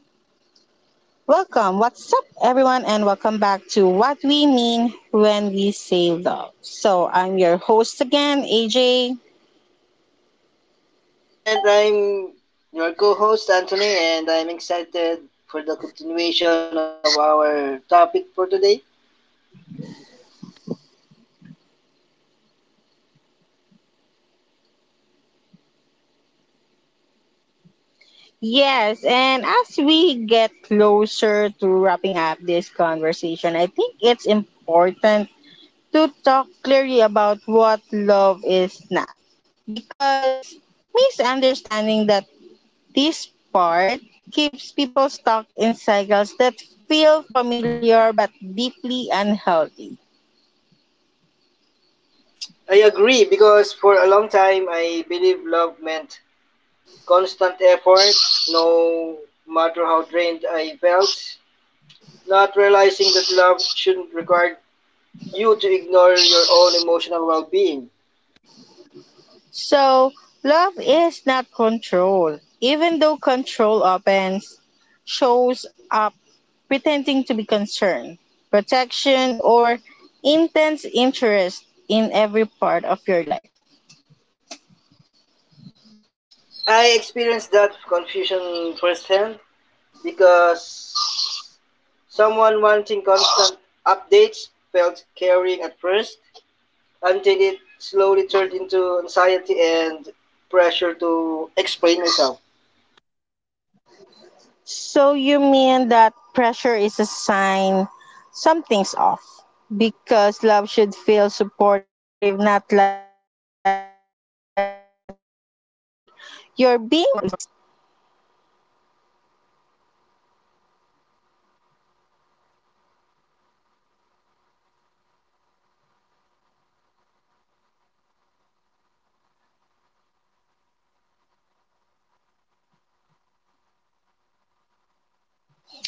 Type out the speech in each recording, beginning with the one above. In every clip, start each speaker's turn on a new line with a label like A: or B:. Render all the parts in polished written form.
A: Welcome. What's up, everyone, and welcome back to What We Mean When We Say Love. So, I'm your host again, AJ.
B: And I'm your co host, Anthony, and I'm excited for the continuation of our topic for today.
A: Yes, and as we get closer to wrapping up this conversation, I think it's important to talk clearly about what love is not. Because misunderstanding that this part keeps people stuck in cycles that feel familiar but deeply unhealthy.
B: I agree because for a long time I believe love meant constant effort, no matter how drained I felt. Not realizing that love shouldn't require you to ignore your own emotional well being.
A: So, love is not control, even though control often shows up pretending to be concern, protection, or intense interest in every part of your life.
B: I experienced that confusion firsthand because someone wanting constant updates felt caring at first until it slowly turned into anxiety and pressure to explain myself.
A: So you mean that pressure is a sign something's off? Because love should feel supportive, not like you're being monitored or evaluated for mistakes.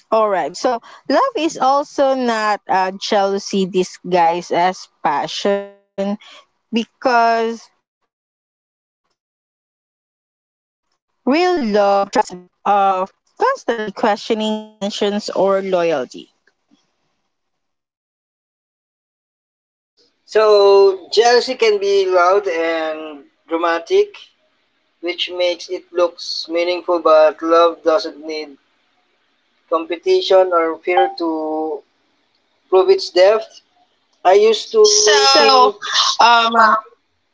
A: All right. So love is also not jealousy disguised as passion because real love trusts instead of constantly questioning your intentions or loyalty.
B: So, jealousy can be loud and dramatic, which makes it look meaningful, but love doesn't need competition or fear to prove its depth. I used to So, think
A: So, um,
B: um,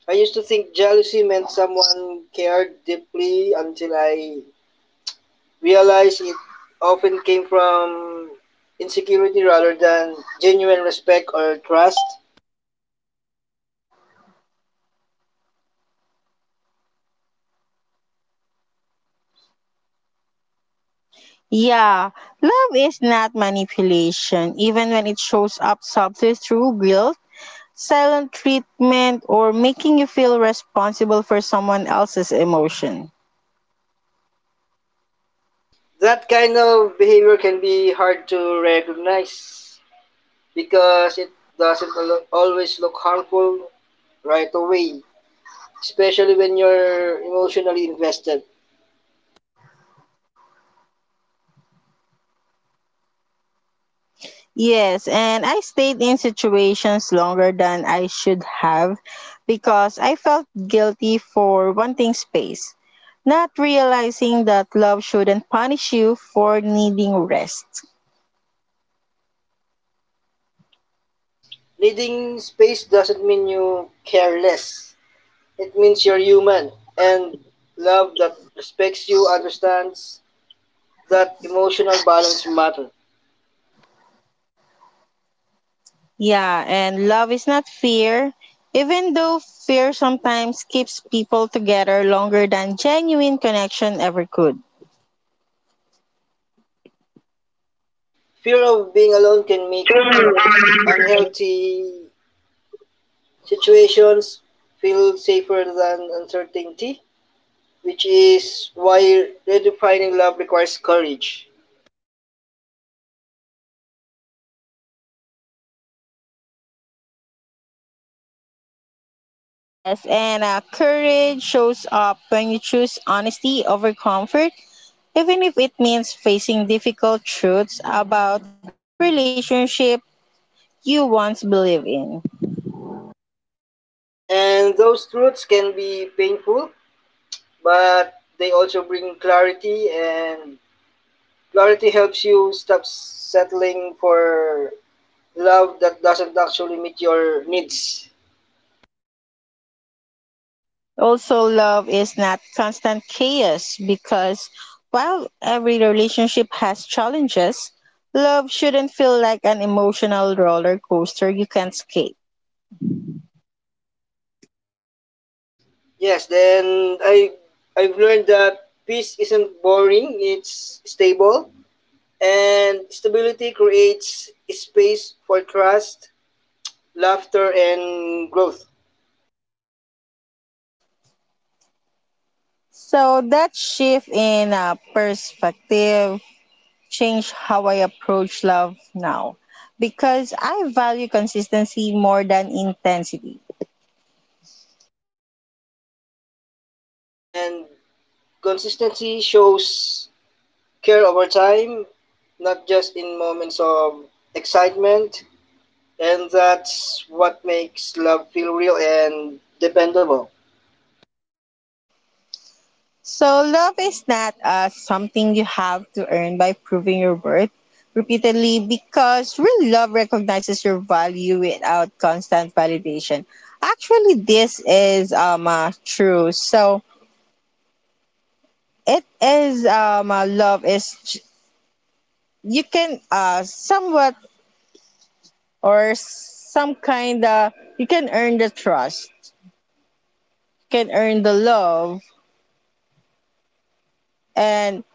B: I used to think jealousy meant someone cared deeply until I realized it often came from insecurity rather than genuine respect or trust.
A: Yeah, love is not manipulation, even when it shows up subtly through guilt, silent treatment, or making you feel responsible for someone else's emotion.
B: That kind of behavior can be hard to recognize because it doesn't always look harmful right away, especially when you're emotionally invested.
A: Yes, and I stayed in situations longer than I should have because I felt guilty for wanting space, not realizing that love shouldn't punish you for needing rest.
B: Needing space doesn't mean you care less. It means you're human and love that respects you understands that emotional balance matters.
A: Yeah, and love is not fear. Even though fear sometimes keeps people together longer than genuine connection ever could.
B: And fear of being alone can make unhealthy situations feel safer than uncertainty, which is why redefining love requires courage.
A: Yes, and courage shows up when you choose honesty over comfort, even if it means facing difficult truths about relationship you once believed in.
B: And those truths can be painful, but they also bring clarity, and clarity helps you stop settling for love that doesn't actually meet your needs.
A: Also, love is not constant chaos because while every relationship has challenges, love shouldn't feel like an emotional roller coaster you can't escape.
B: Yes, then I've learned that peace isn't boring, it's stable and stability creates space for trust, laughter and growth.
A: So, that shift in perspective changed how I approach love now because I value consistency more than intensity.
B: And consistency shows care over time, not just in moments of excitement, and that's what makes love feel real and dependable.
A: So, love is not something you have to earn by proving your worth repeatedly because real love recognizes your value without constant validation. Actually, this is true. So, it is you can somewhat or some kind of, you can earn the trust, you can earn the love, and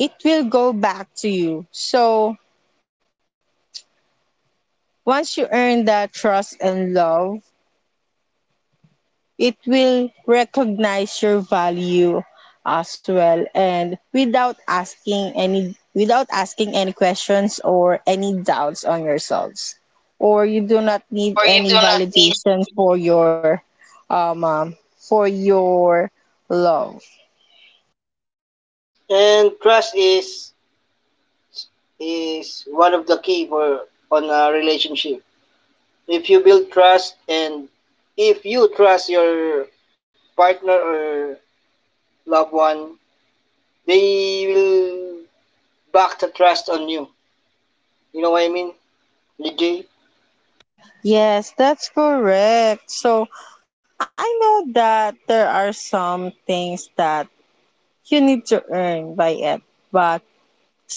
A: it will go back to you. So, once you earn the trust and love, it will recognize your value as well and without asking any questions or any doubts on yourselves. Or you do not need
B: Or you do
A: any
B: not need.
A: validation um, um for your love.
B: And trust is one of the key for on a relationship. If you build trust and if you trust your partner or loved one, they will back the trust on you. You know what I mean, DJ?
A: Yes, that's correct. So I know that there are some things that you need to earn by it, but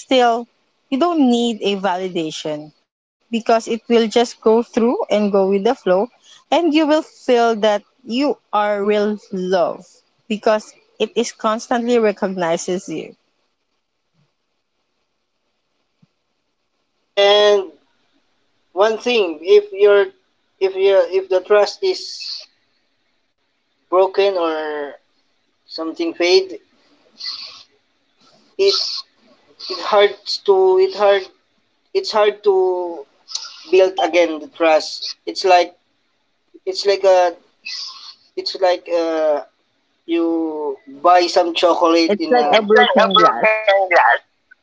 A: still, you don't need a validation because it will just go through and go with the flow, and you will feel that you are real love because it is constantly recognizes you.
B: And one thing, if the trust is broken or something fade, it it hard to it hard it's hard to build again the trust. It's like a It's like you buy some chocolate
A: It's like a
B: It's like a
A: broken glass.
B: broken glass.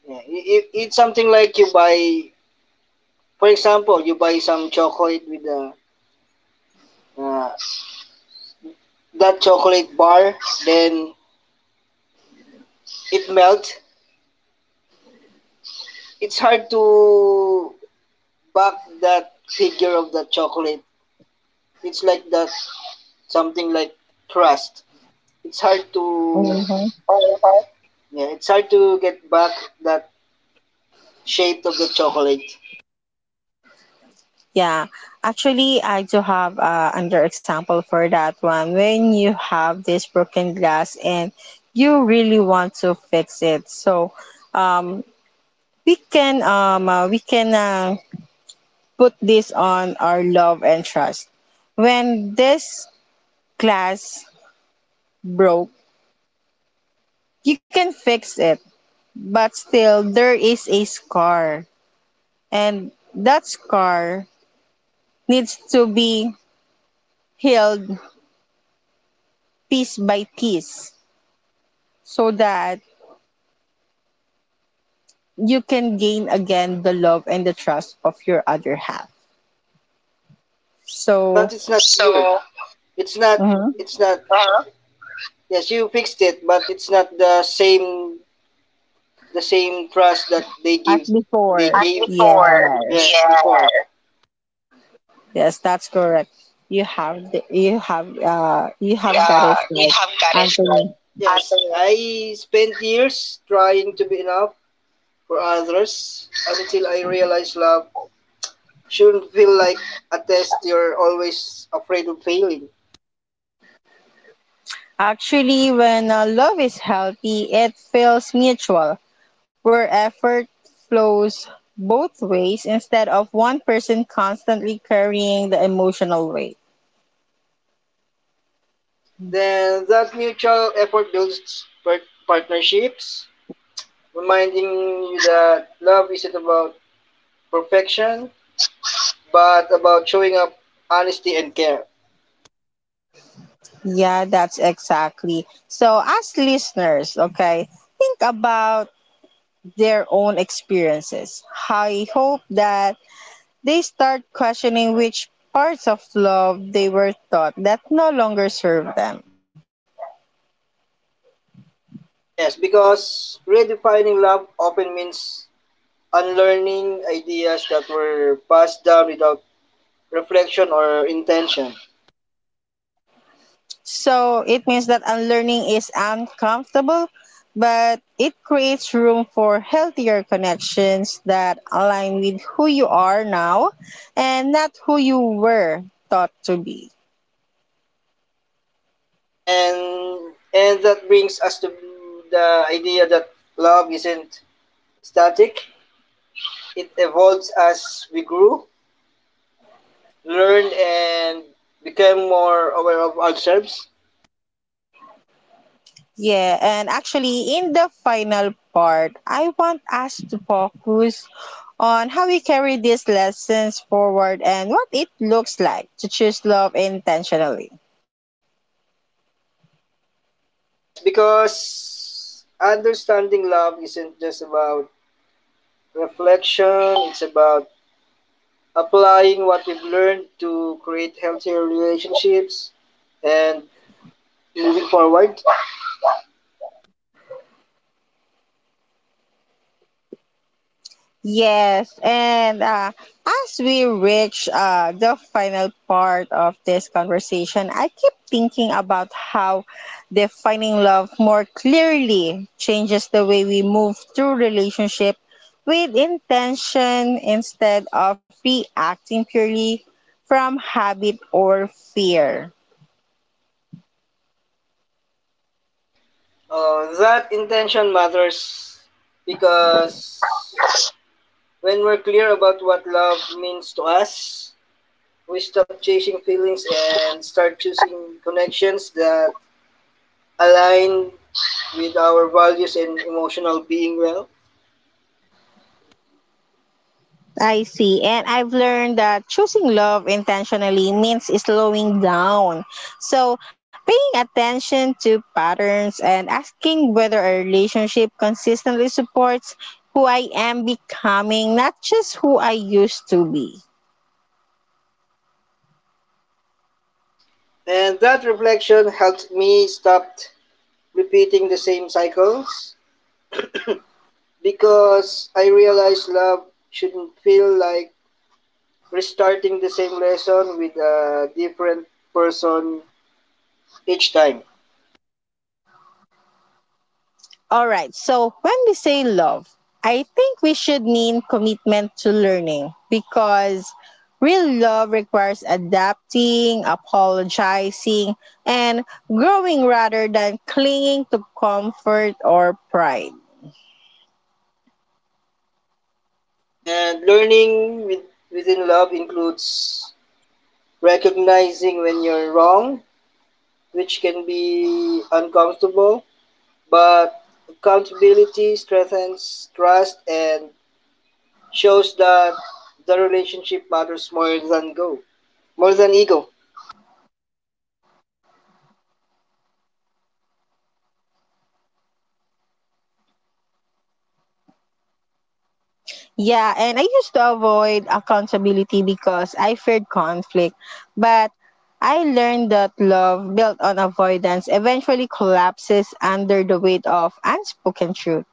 B: Yeah, it's something like you buy, for example, you buy some chocolate uh, that chocolate bar, then it melts. It's hard to back that figure of the chocolate. It's like that, something like crust. It's hard to,
A: hmm
B: Uh-huh. Yeah, it's hard to get back that shape of the chocolate.
A: Yeah, actually, I do have another example for that one. When you have this broken glass and you really want to fix it, so um, we can put this on our love and trust. When this glass broke, you can fix it, but still there is a scar, and that scar needs to be healed piece by piece so that you can gain again the love and the trust of your other half.
B: Yes,
A: So,
B: but it's not you. So, it's not.
A: mhm,
B: It's not. Yes, you fixed it, but it's not the same. The same trust that they
A: as
B: give. They
A: before,
B: as gave
A: yeah.
B: before. Yes, yeah, before.
A: Yes, that's correct.
B: you
A: You
B: have
A: have got
B: uh,
A: it
B: you
A: right,
B: have got it right.
A: Anthony.
B: Yes, Anthony. I spent years trying to be enough for others until I realized love shouldn't feel like a test you're always afraid of failing.
A: Actually, when love is healthy, it feels mutual, where effort flows both ways instead of one person constantly carrying the emotional weight.
B: Then that mutual effort builds partnerships, reminding you that love isn't about perfection, but about showing up honesty and care.
A: Yeah, that's exactly. So, as listeners, okay, think about their own experiences. I hope that they start questioning which parts of love they were taught that no longer serve them.
B: Yes, because redefining love often means unlearning ideas that were passed down without reflection or intention.
A: So it means that unlearning is uncomfortable, but it creates room for healthier connections that align with who you are now and not who you were taught to be.
B: And that brings us to the idea that love isn't static. It evolves as we grew, learned and became more aware of ourselves.
A: Yeah, and actually, in the final part, I want us to focus on how we carry these lessons forward and what it looks like to choose love intentionally.
B: Yes, because understanding love isn't just about reflection, it's about applying what we've learned to create healthier relationships and moving forward.
A: Yes, and as we reach the final part of this conversation, I keep thinking about how defining love more clearly changes the way we move through relationship with intention instead of reacting purely from habit or fear.
B: That intention matters because when we're clear about what love means to us, we stop chasing feelings and start choosing connections that align with our values and emotional being well.
A: I see. And I've learned that choosing love intentionally means slowing down. So, paying attention to patterns and asking whether a relationship consistently supports who I am becoming, not just who I used to be.
B: And that reflection helped me stop repeating the same cycles because I realized love shouldn't feel like restarting the same lesson with a different person each time.
A: All right. So when we say love, I think we should mean commitment to learning because real love requires adapting, apologizing, and growing rather than clinging to comfort or pride.
B: And learning within love includes recognizing when you're wrong, which can be uncomfortable, but accountability strengthens trust and shows that the relationship matters more than ego.
A: Yeah, and I used to avoid accountability because I feared conflict, but I learned that love built on avoidance eventually collapses under the weight of unspoken truth.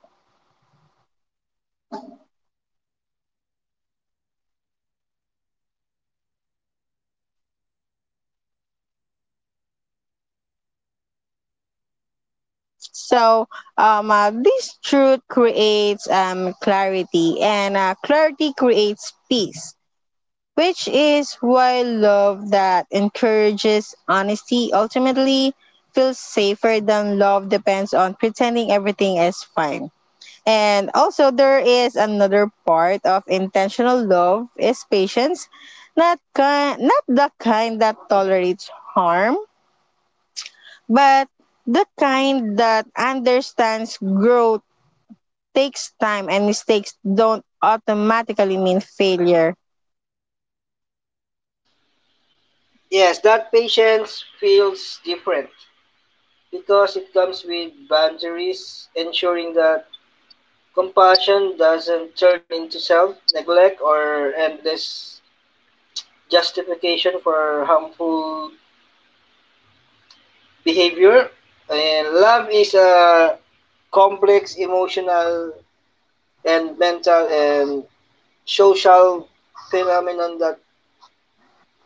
A: So this truth creates clarity, and clarity creates peace, which is why love that encourages honesty ultimately feels safer than love depends on pretending everything is fine. And also, there is another part of intentional love is patience, not the kind that tolerates harm, but the kind that understands growth takes time and mistakes don't automatically mean failure.
B: Yes, that patience feels different because it comes with boundaries, ensuring that compassion doesn't turn into self neglect or endless justification for harmful behavior. And love is a complex emotional and mental and social phenomenon that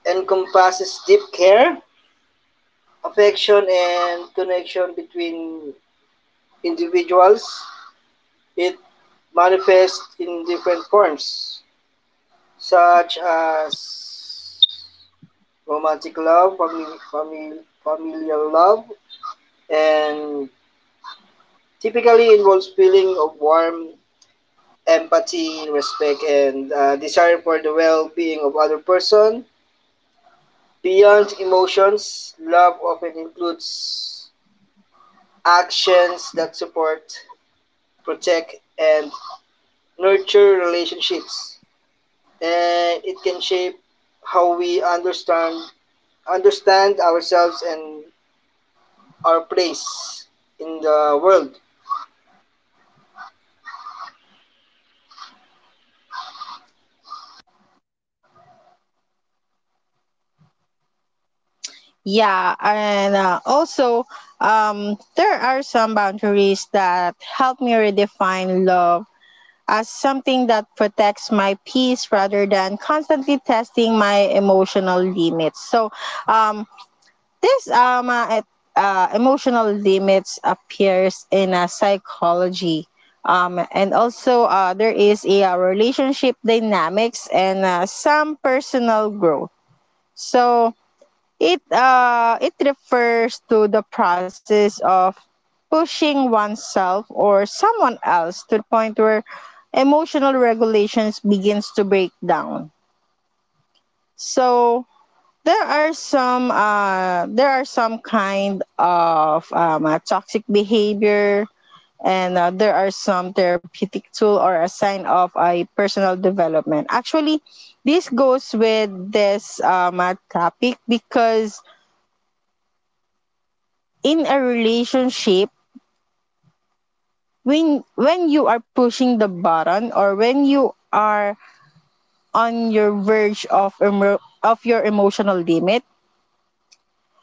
B: encompasses deep care affection and connection between individuals. It manifests in different forms, such as romantic love, familial love, and typically involves feeling of warm empathy, respect, and desire for the well-being of other person. Beyond emotions, love often includes actions that support, protect, and nurture relationships and it can shape how we understand ourselves and our place in the world.
A: Yeah, and also, there are some boundaries that help me redefine love as something that protects my peace rather than constantly testing my emotional limits. So, um, this emotional limits appears in psychology. And also, there is a relationship dynamics and some personal growth. So it refers to the process of pushing oneself or someone else to the point where emotional regulations begins to break down. So there are some kind of toxic behavior, and there are some therapeutic tool or a sign of a personal development. Actually, this goes with this topic because in a relationship, when you are pushing the button or when you are on your verge of of your emotional limit,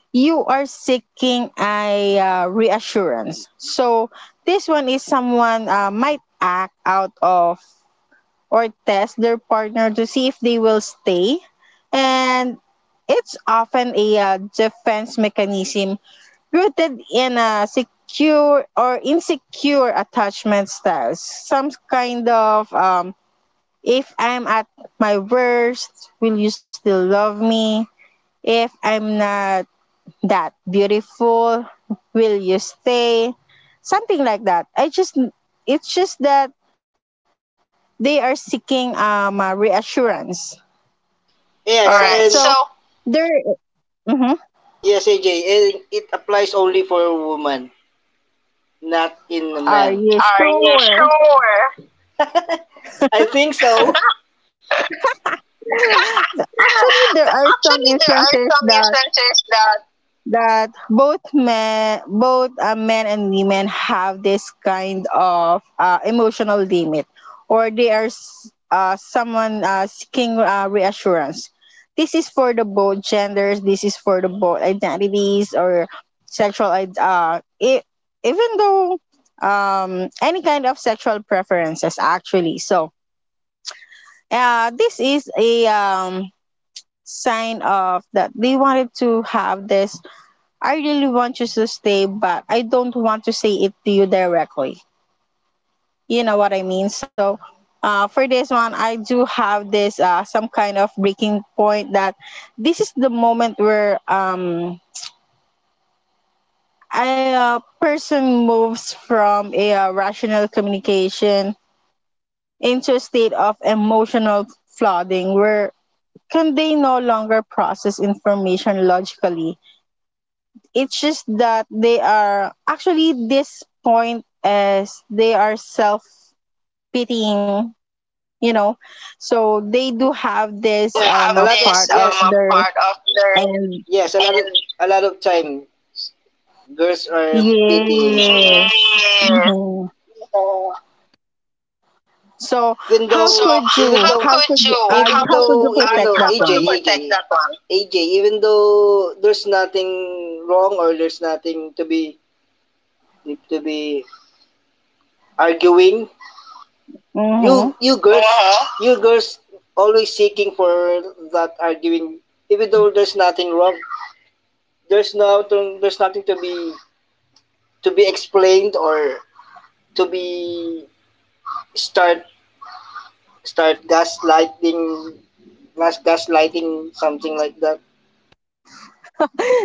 A: you are seeking a reassurance. So this one is someone might act out of or test their partner to see if they will stay, and it's often a defense mechanism rooted in a secure or insecure attachment styles. Some kind of if I'm at my worst, will you still love me? If I'm not that beautiful, will you stay? Something like that. I just It's just that they are seeking reassurance. All right, so
B: Yes, all right, and
A: there.
B: so,
A: Mhm.
B: yes, AJ, and it applies only for a woman, not in a
A: Are
B: man.
A: you
B: Are you
A: sure?
B: sure? I think so.
A: Actually, there are some
B: Actually, there are
A: instances
B: some
A: that
B: instances that
A: both men and women have this kind of emotional limit, or they are someone seeking reassurance. This is for the both genders. This is for the both identities or sexual. Even though any kind of sexual preferences, actually. So this is a sign of that they wanted to have this. I really want you to stay, but I don't want to say it to you directly. You know what I mean? So, for this one, I do have this some kind of breaking point that this is the moment where a person moves from a rational communication into a state of emotional flooding where can they no longer process information logically. It's just that they are actually this point is they are self pitying, you know. So they do have
B: we do,
A: this
B: yes, have a
A: a
B: lot of- this,
A: part of
B: yes, a
A: their
B: part of their,
A: end.
B: yes, a lot of time, girls are pitying
A: Yes.
B: women. Yeah.
A: Hmm.
B: So,
A: So
B: even though,
A: how
B: so,
A: could
B: even, how
A: you?
B: though,
A: How could,
B: could you? Even how
A: how could you
B: though- could, even,
A: protect
B: how
A: that
B: could, AJ, you
A: one?
B: protect, AJ, that one? AJ, even though there's nothing wrong or there's nothing to be arguing, you
A: Mm-hmm.
B: you girls, uh-huh, you girls always seeking for that arguing. Even though there's nothing wrong, there's no, there's nothing to be explained or to be start start gaslighting, gaslighting, something like that.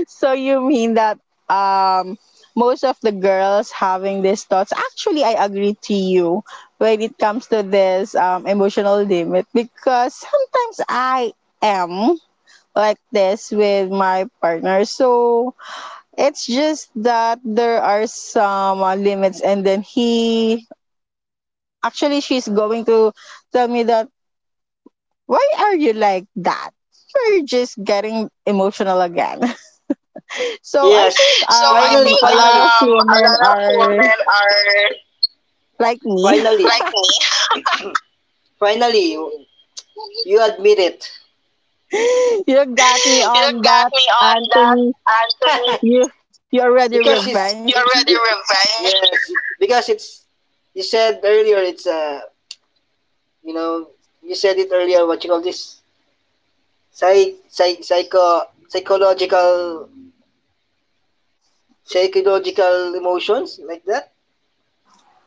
A: So you mean that um most of the girls having these thoughts? Actually I agree to you when it comes to this emotional limit because sometimes I am like this with my partner. So it's just that there are some limits and then he, actually she's going to tell me that why are you like that? You're just getting emotional again. So I
B: Yes.
A: think
B: So, finally, I think,
A: a lot
B: finally,
A: of
B: a
A: women
B: lot of
A: are
B: women are,
A: like me.
B: finally, like me. Finally, you admit it.
A: You got me on
B: you
A: that,
B: got me on that,
A: Anthony.
B: Anthony.
A: You you already
B: Because you, it's, you
A: revenge.
B: already revenge, yes, because it's, you said earlier, it's, you know you said it earlier, what you call this? Psycho, psychological emotions, like that?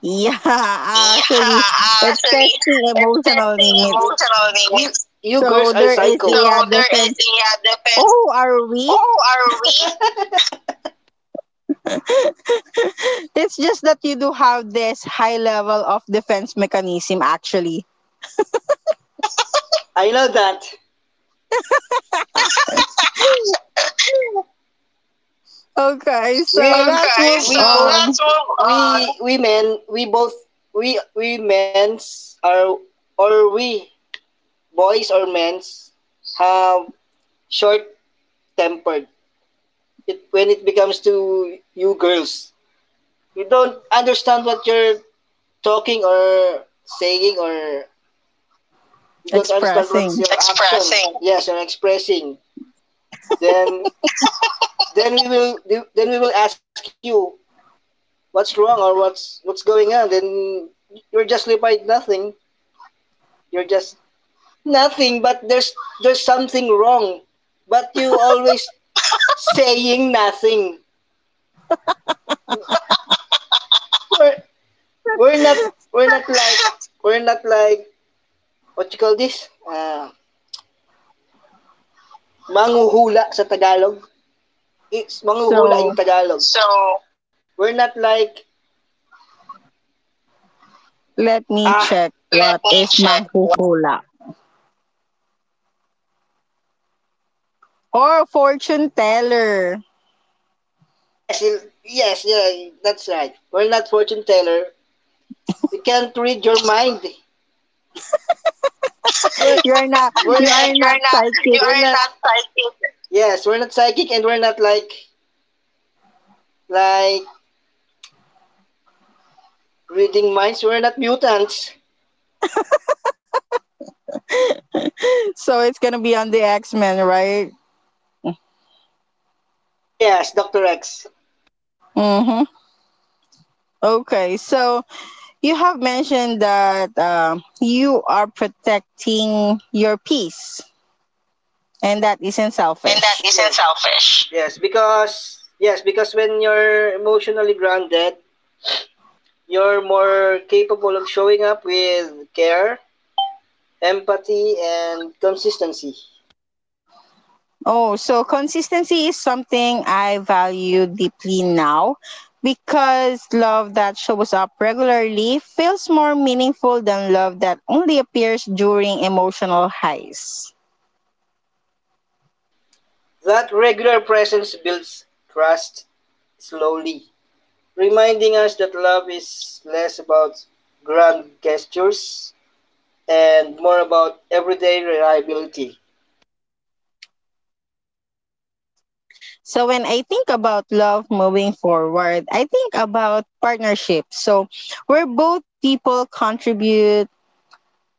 A: Yeah,
B: Yeah,
A: actually, it's
B: actually,
A: testing
B: it's
A: emotional
B: testing
A: limits.
B: emotional needs. You
A: So
B: girls are
A: there is
B: psychos. So
A: a
B: there is
A: defense.
B: a defense.
A: Oh, are we?
B: Oh, are we?
A: It's just that you do have this high level of defense mechanism, actually.
B: I know that.
A: Okay, so
B: We,
A: let's
B: okay,
A: move
B: we, so, both- let's
A: on.
B: move on. We men, we both, we men's are, or we, boys or men's, have short tempered it when it becomes to you girls. You don't understand what you're talking or saying or you don't understand what's
A: Expressing.
B: your expressing, action. Yes, you're expressing. Then then we will then we will ask you what's wrong or what's going on. Then you're just replied nothing. You're just nothing. But there's something wrong. But you always saying nothing. We're we're not we're not like what you call this? Manguhula sa Tagalog. It's manghuhula in
A: So
B: Tagalog. So we're not like,
A: let me
B: ah,
A: check
B: let
A: what
B: me
A: is
B: check.
A: manghuhula or fortune teller.
B: Yes, yes, yeah, that's right. We're not fortune teller. We can't read your mind. We're,
A: You're not,
B: we're
A: you are
B: not,
A: not
B: you're not,
A: psychic.
B: you are not psychic. Yes, we're not psychic and we're not like reading minds. We're not mutants.
A: So it's gonna be on the X Men, right?
B: Yes, Doctor X.
A: Mm-hmm. Okay, so you have mentioned that you are protecting your peace, and that isn't
B: Yes, and that
A: selfish.
B: isn't, yes, selfish. Yes, because, yes, because when you're emotionally grounded, you're more capable of showing up with care, empathy, and consistency.
A: Oh, so consistency is something I value deeply now because love that shows up regularly feels more meaningful than love that only appears during emotional highs.
B: That regular presence builds trust slowly, reminding us that love is less about grand gestures and more about everyday reliability.
A: So when I think about love moving forward, I think about partnership. So where both people contribute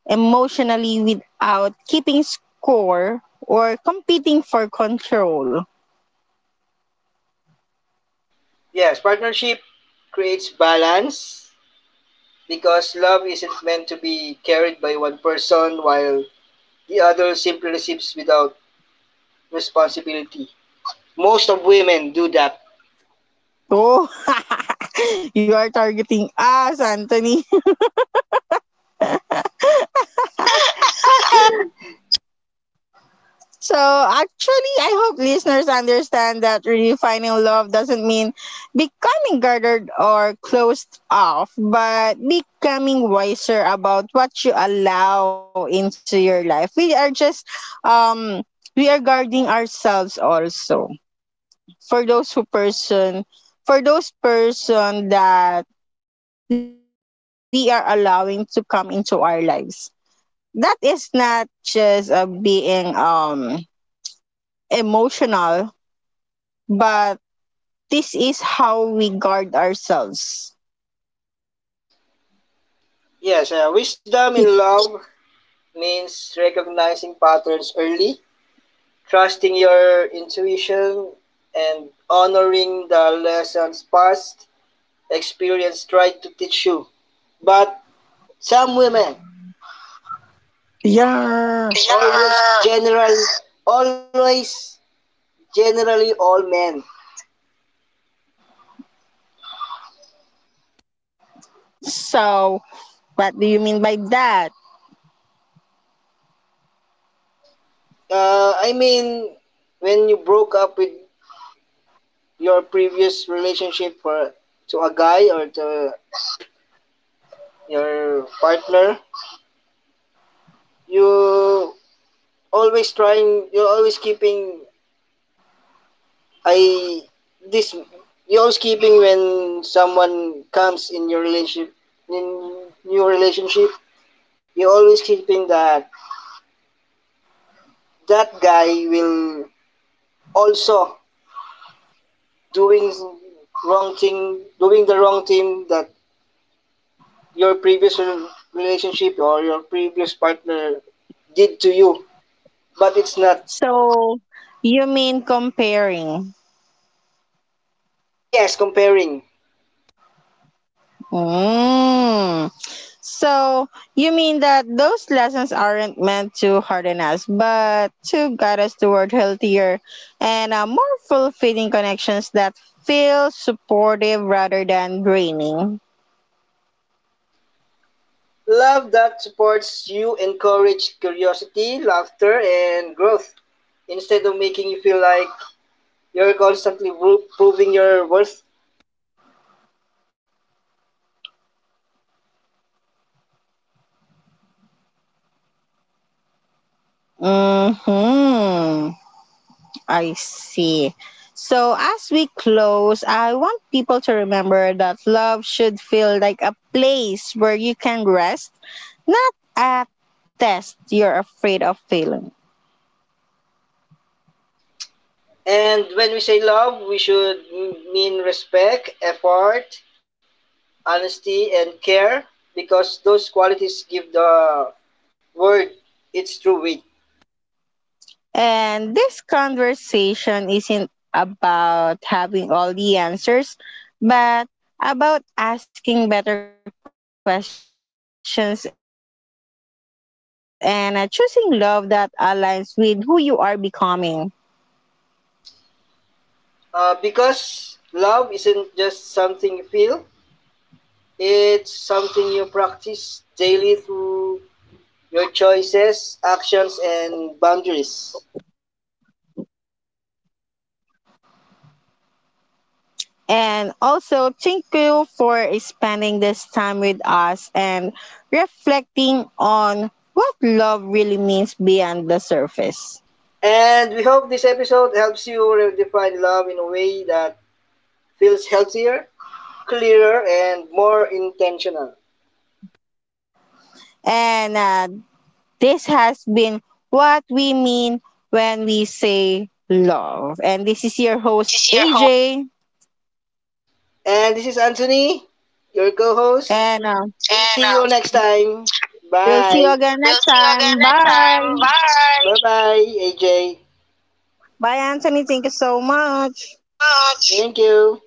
A: emotionally without keeping score or competing for control.
B: Yes, partnership creates balance because love isn't meant to be carried by one person while the other simply receives without responsibility. Most of women do that.
A: Oh, you are targeting us, Anthony. So, actually, I hope listeners understand that redefining love doesn't mean becoming guarded or closed off, but becoming wiser about what you allow into your life. We are just, um, we are guarding ourselves also. For those who person, for those person that we are allowing to come into our lives that is not just being emotional, but this is how we guard ourselves.
B: Yes, wisdom in love means recognizing patterns early, trusting your intuition, and honoring the lessons past experience tried to teach you. But some women always,
A: Yeah.
B: yeah, always general, always generally all men.
A: So, what do you mean by that?
B: I mean, when you broke up with your previous relationship for to a guy or to your partner, you always trying, you're always keeping, I, this, you're always keeping when someone comes in your relationship, in your relationship you're always keeping that guy will also doing doing the wrong thing that your previous relationship or your previous partner did to you, but it's not.
A: So, you mean comparing?
B: Yes, comparing.
A: Mm. So you mean that those lessons aren't meant to harden us, but to guide us toward healthier and more fulfilling connections that feel supportive rather than draining.
B: Love that supports you, encourage curiosity, laughter, and growth, instead of making you feel like you're constantly proving your worth.
A: Hmm. I see. So as we close, I want people to remember that love should feel like a place where you can rest, not a test you're afraid of failing.
B: And when we say love, we should mean respect, effort, honesty, and care, because those qualities give the word its true weight.
A: And this conversation isn't about having all the answers, but about asking better questions and choosing love that aligns with who you are becoming.
B: Because love isn't just something you feel, it's something you practice daily through your choices, actions, and boundaries.
A: And also, thank you for spending this time with us and reflecting on what love really means beyond the surface.
B: And we hope this episode helps you redefine love in a way that feels healthier, clearer, and more intentional.
A: And this has been what we mean when we say love. And this is your
B: This
A: host,
B: is your host.
A: AJ.
B: And this is Anthony, your co host.
A: And
B: We'll see you next time.
A: we'll see you
B: Bye.
A: again
B: We'll
A: next
B: see you again
A: time.
B: next time.
A: Bye.
B: Bye. Bye bye, AJ.
A: Bye, Anthony. Thank you so much.
B: So much. Thank you.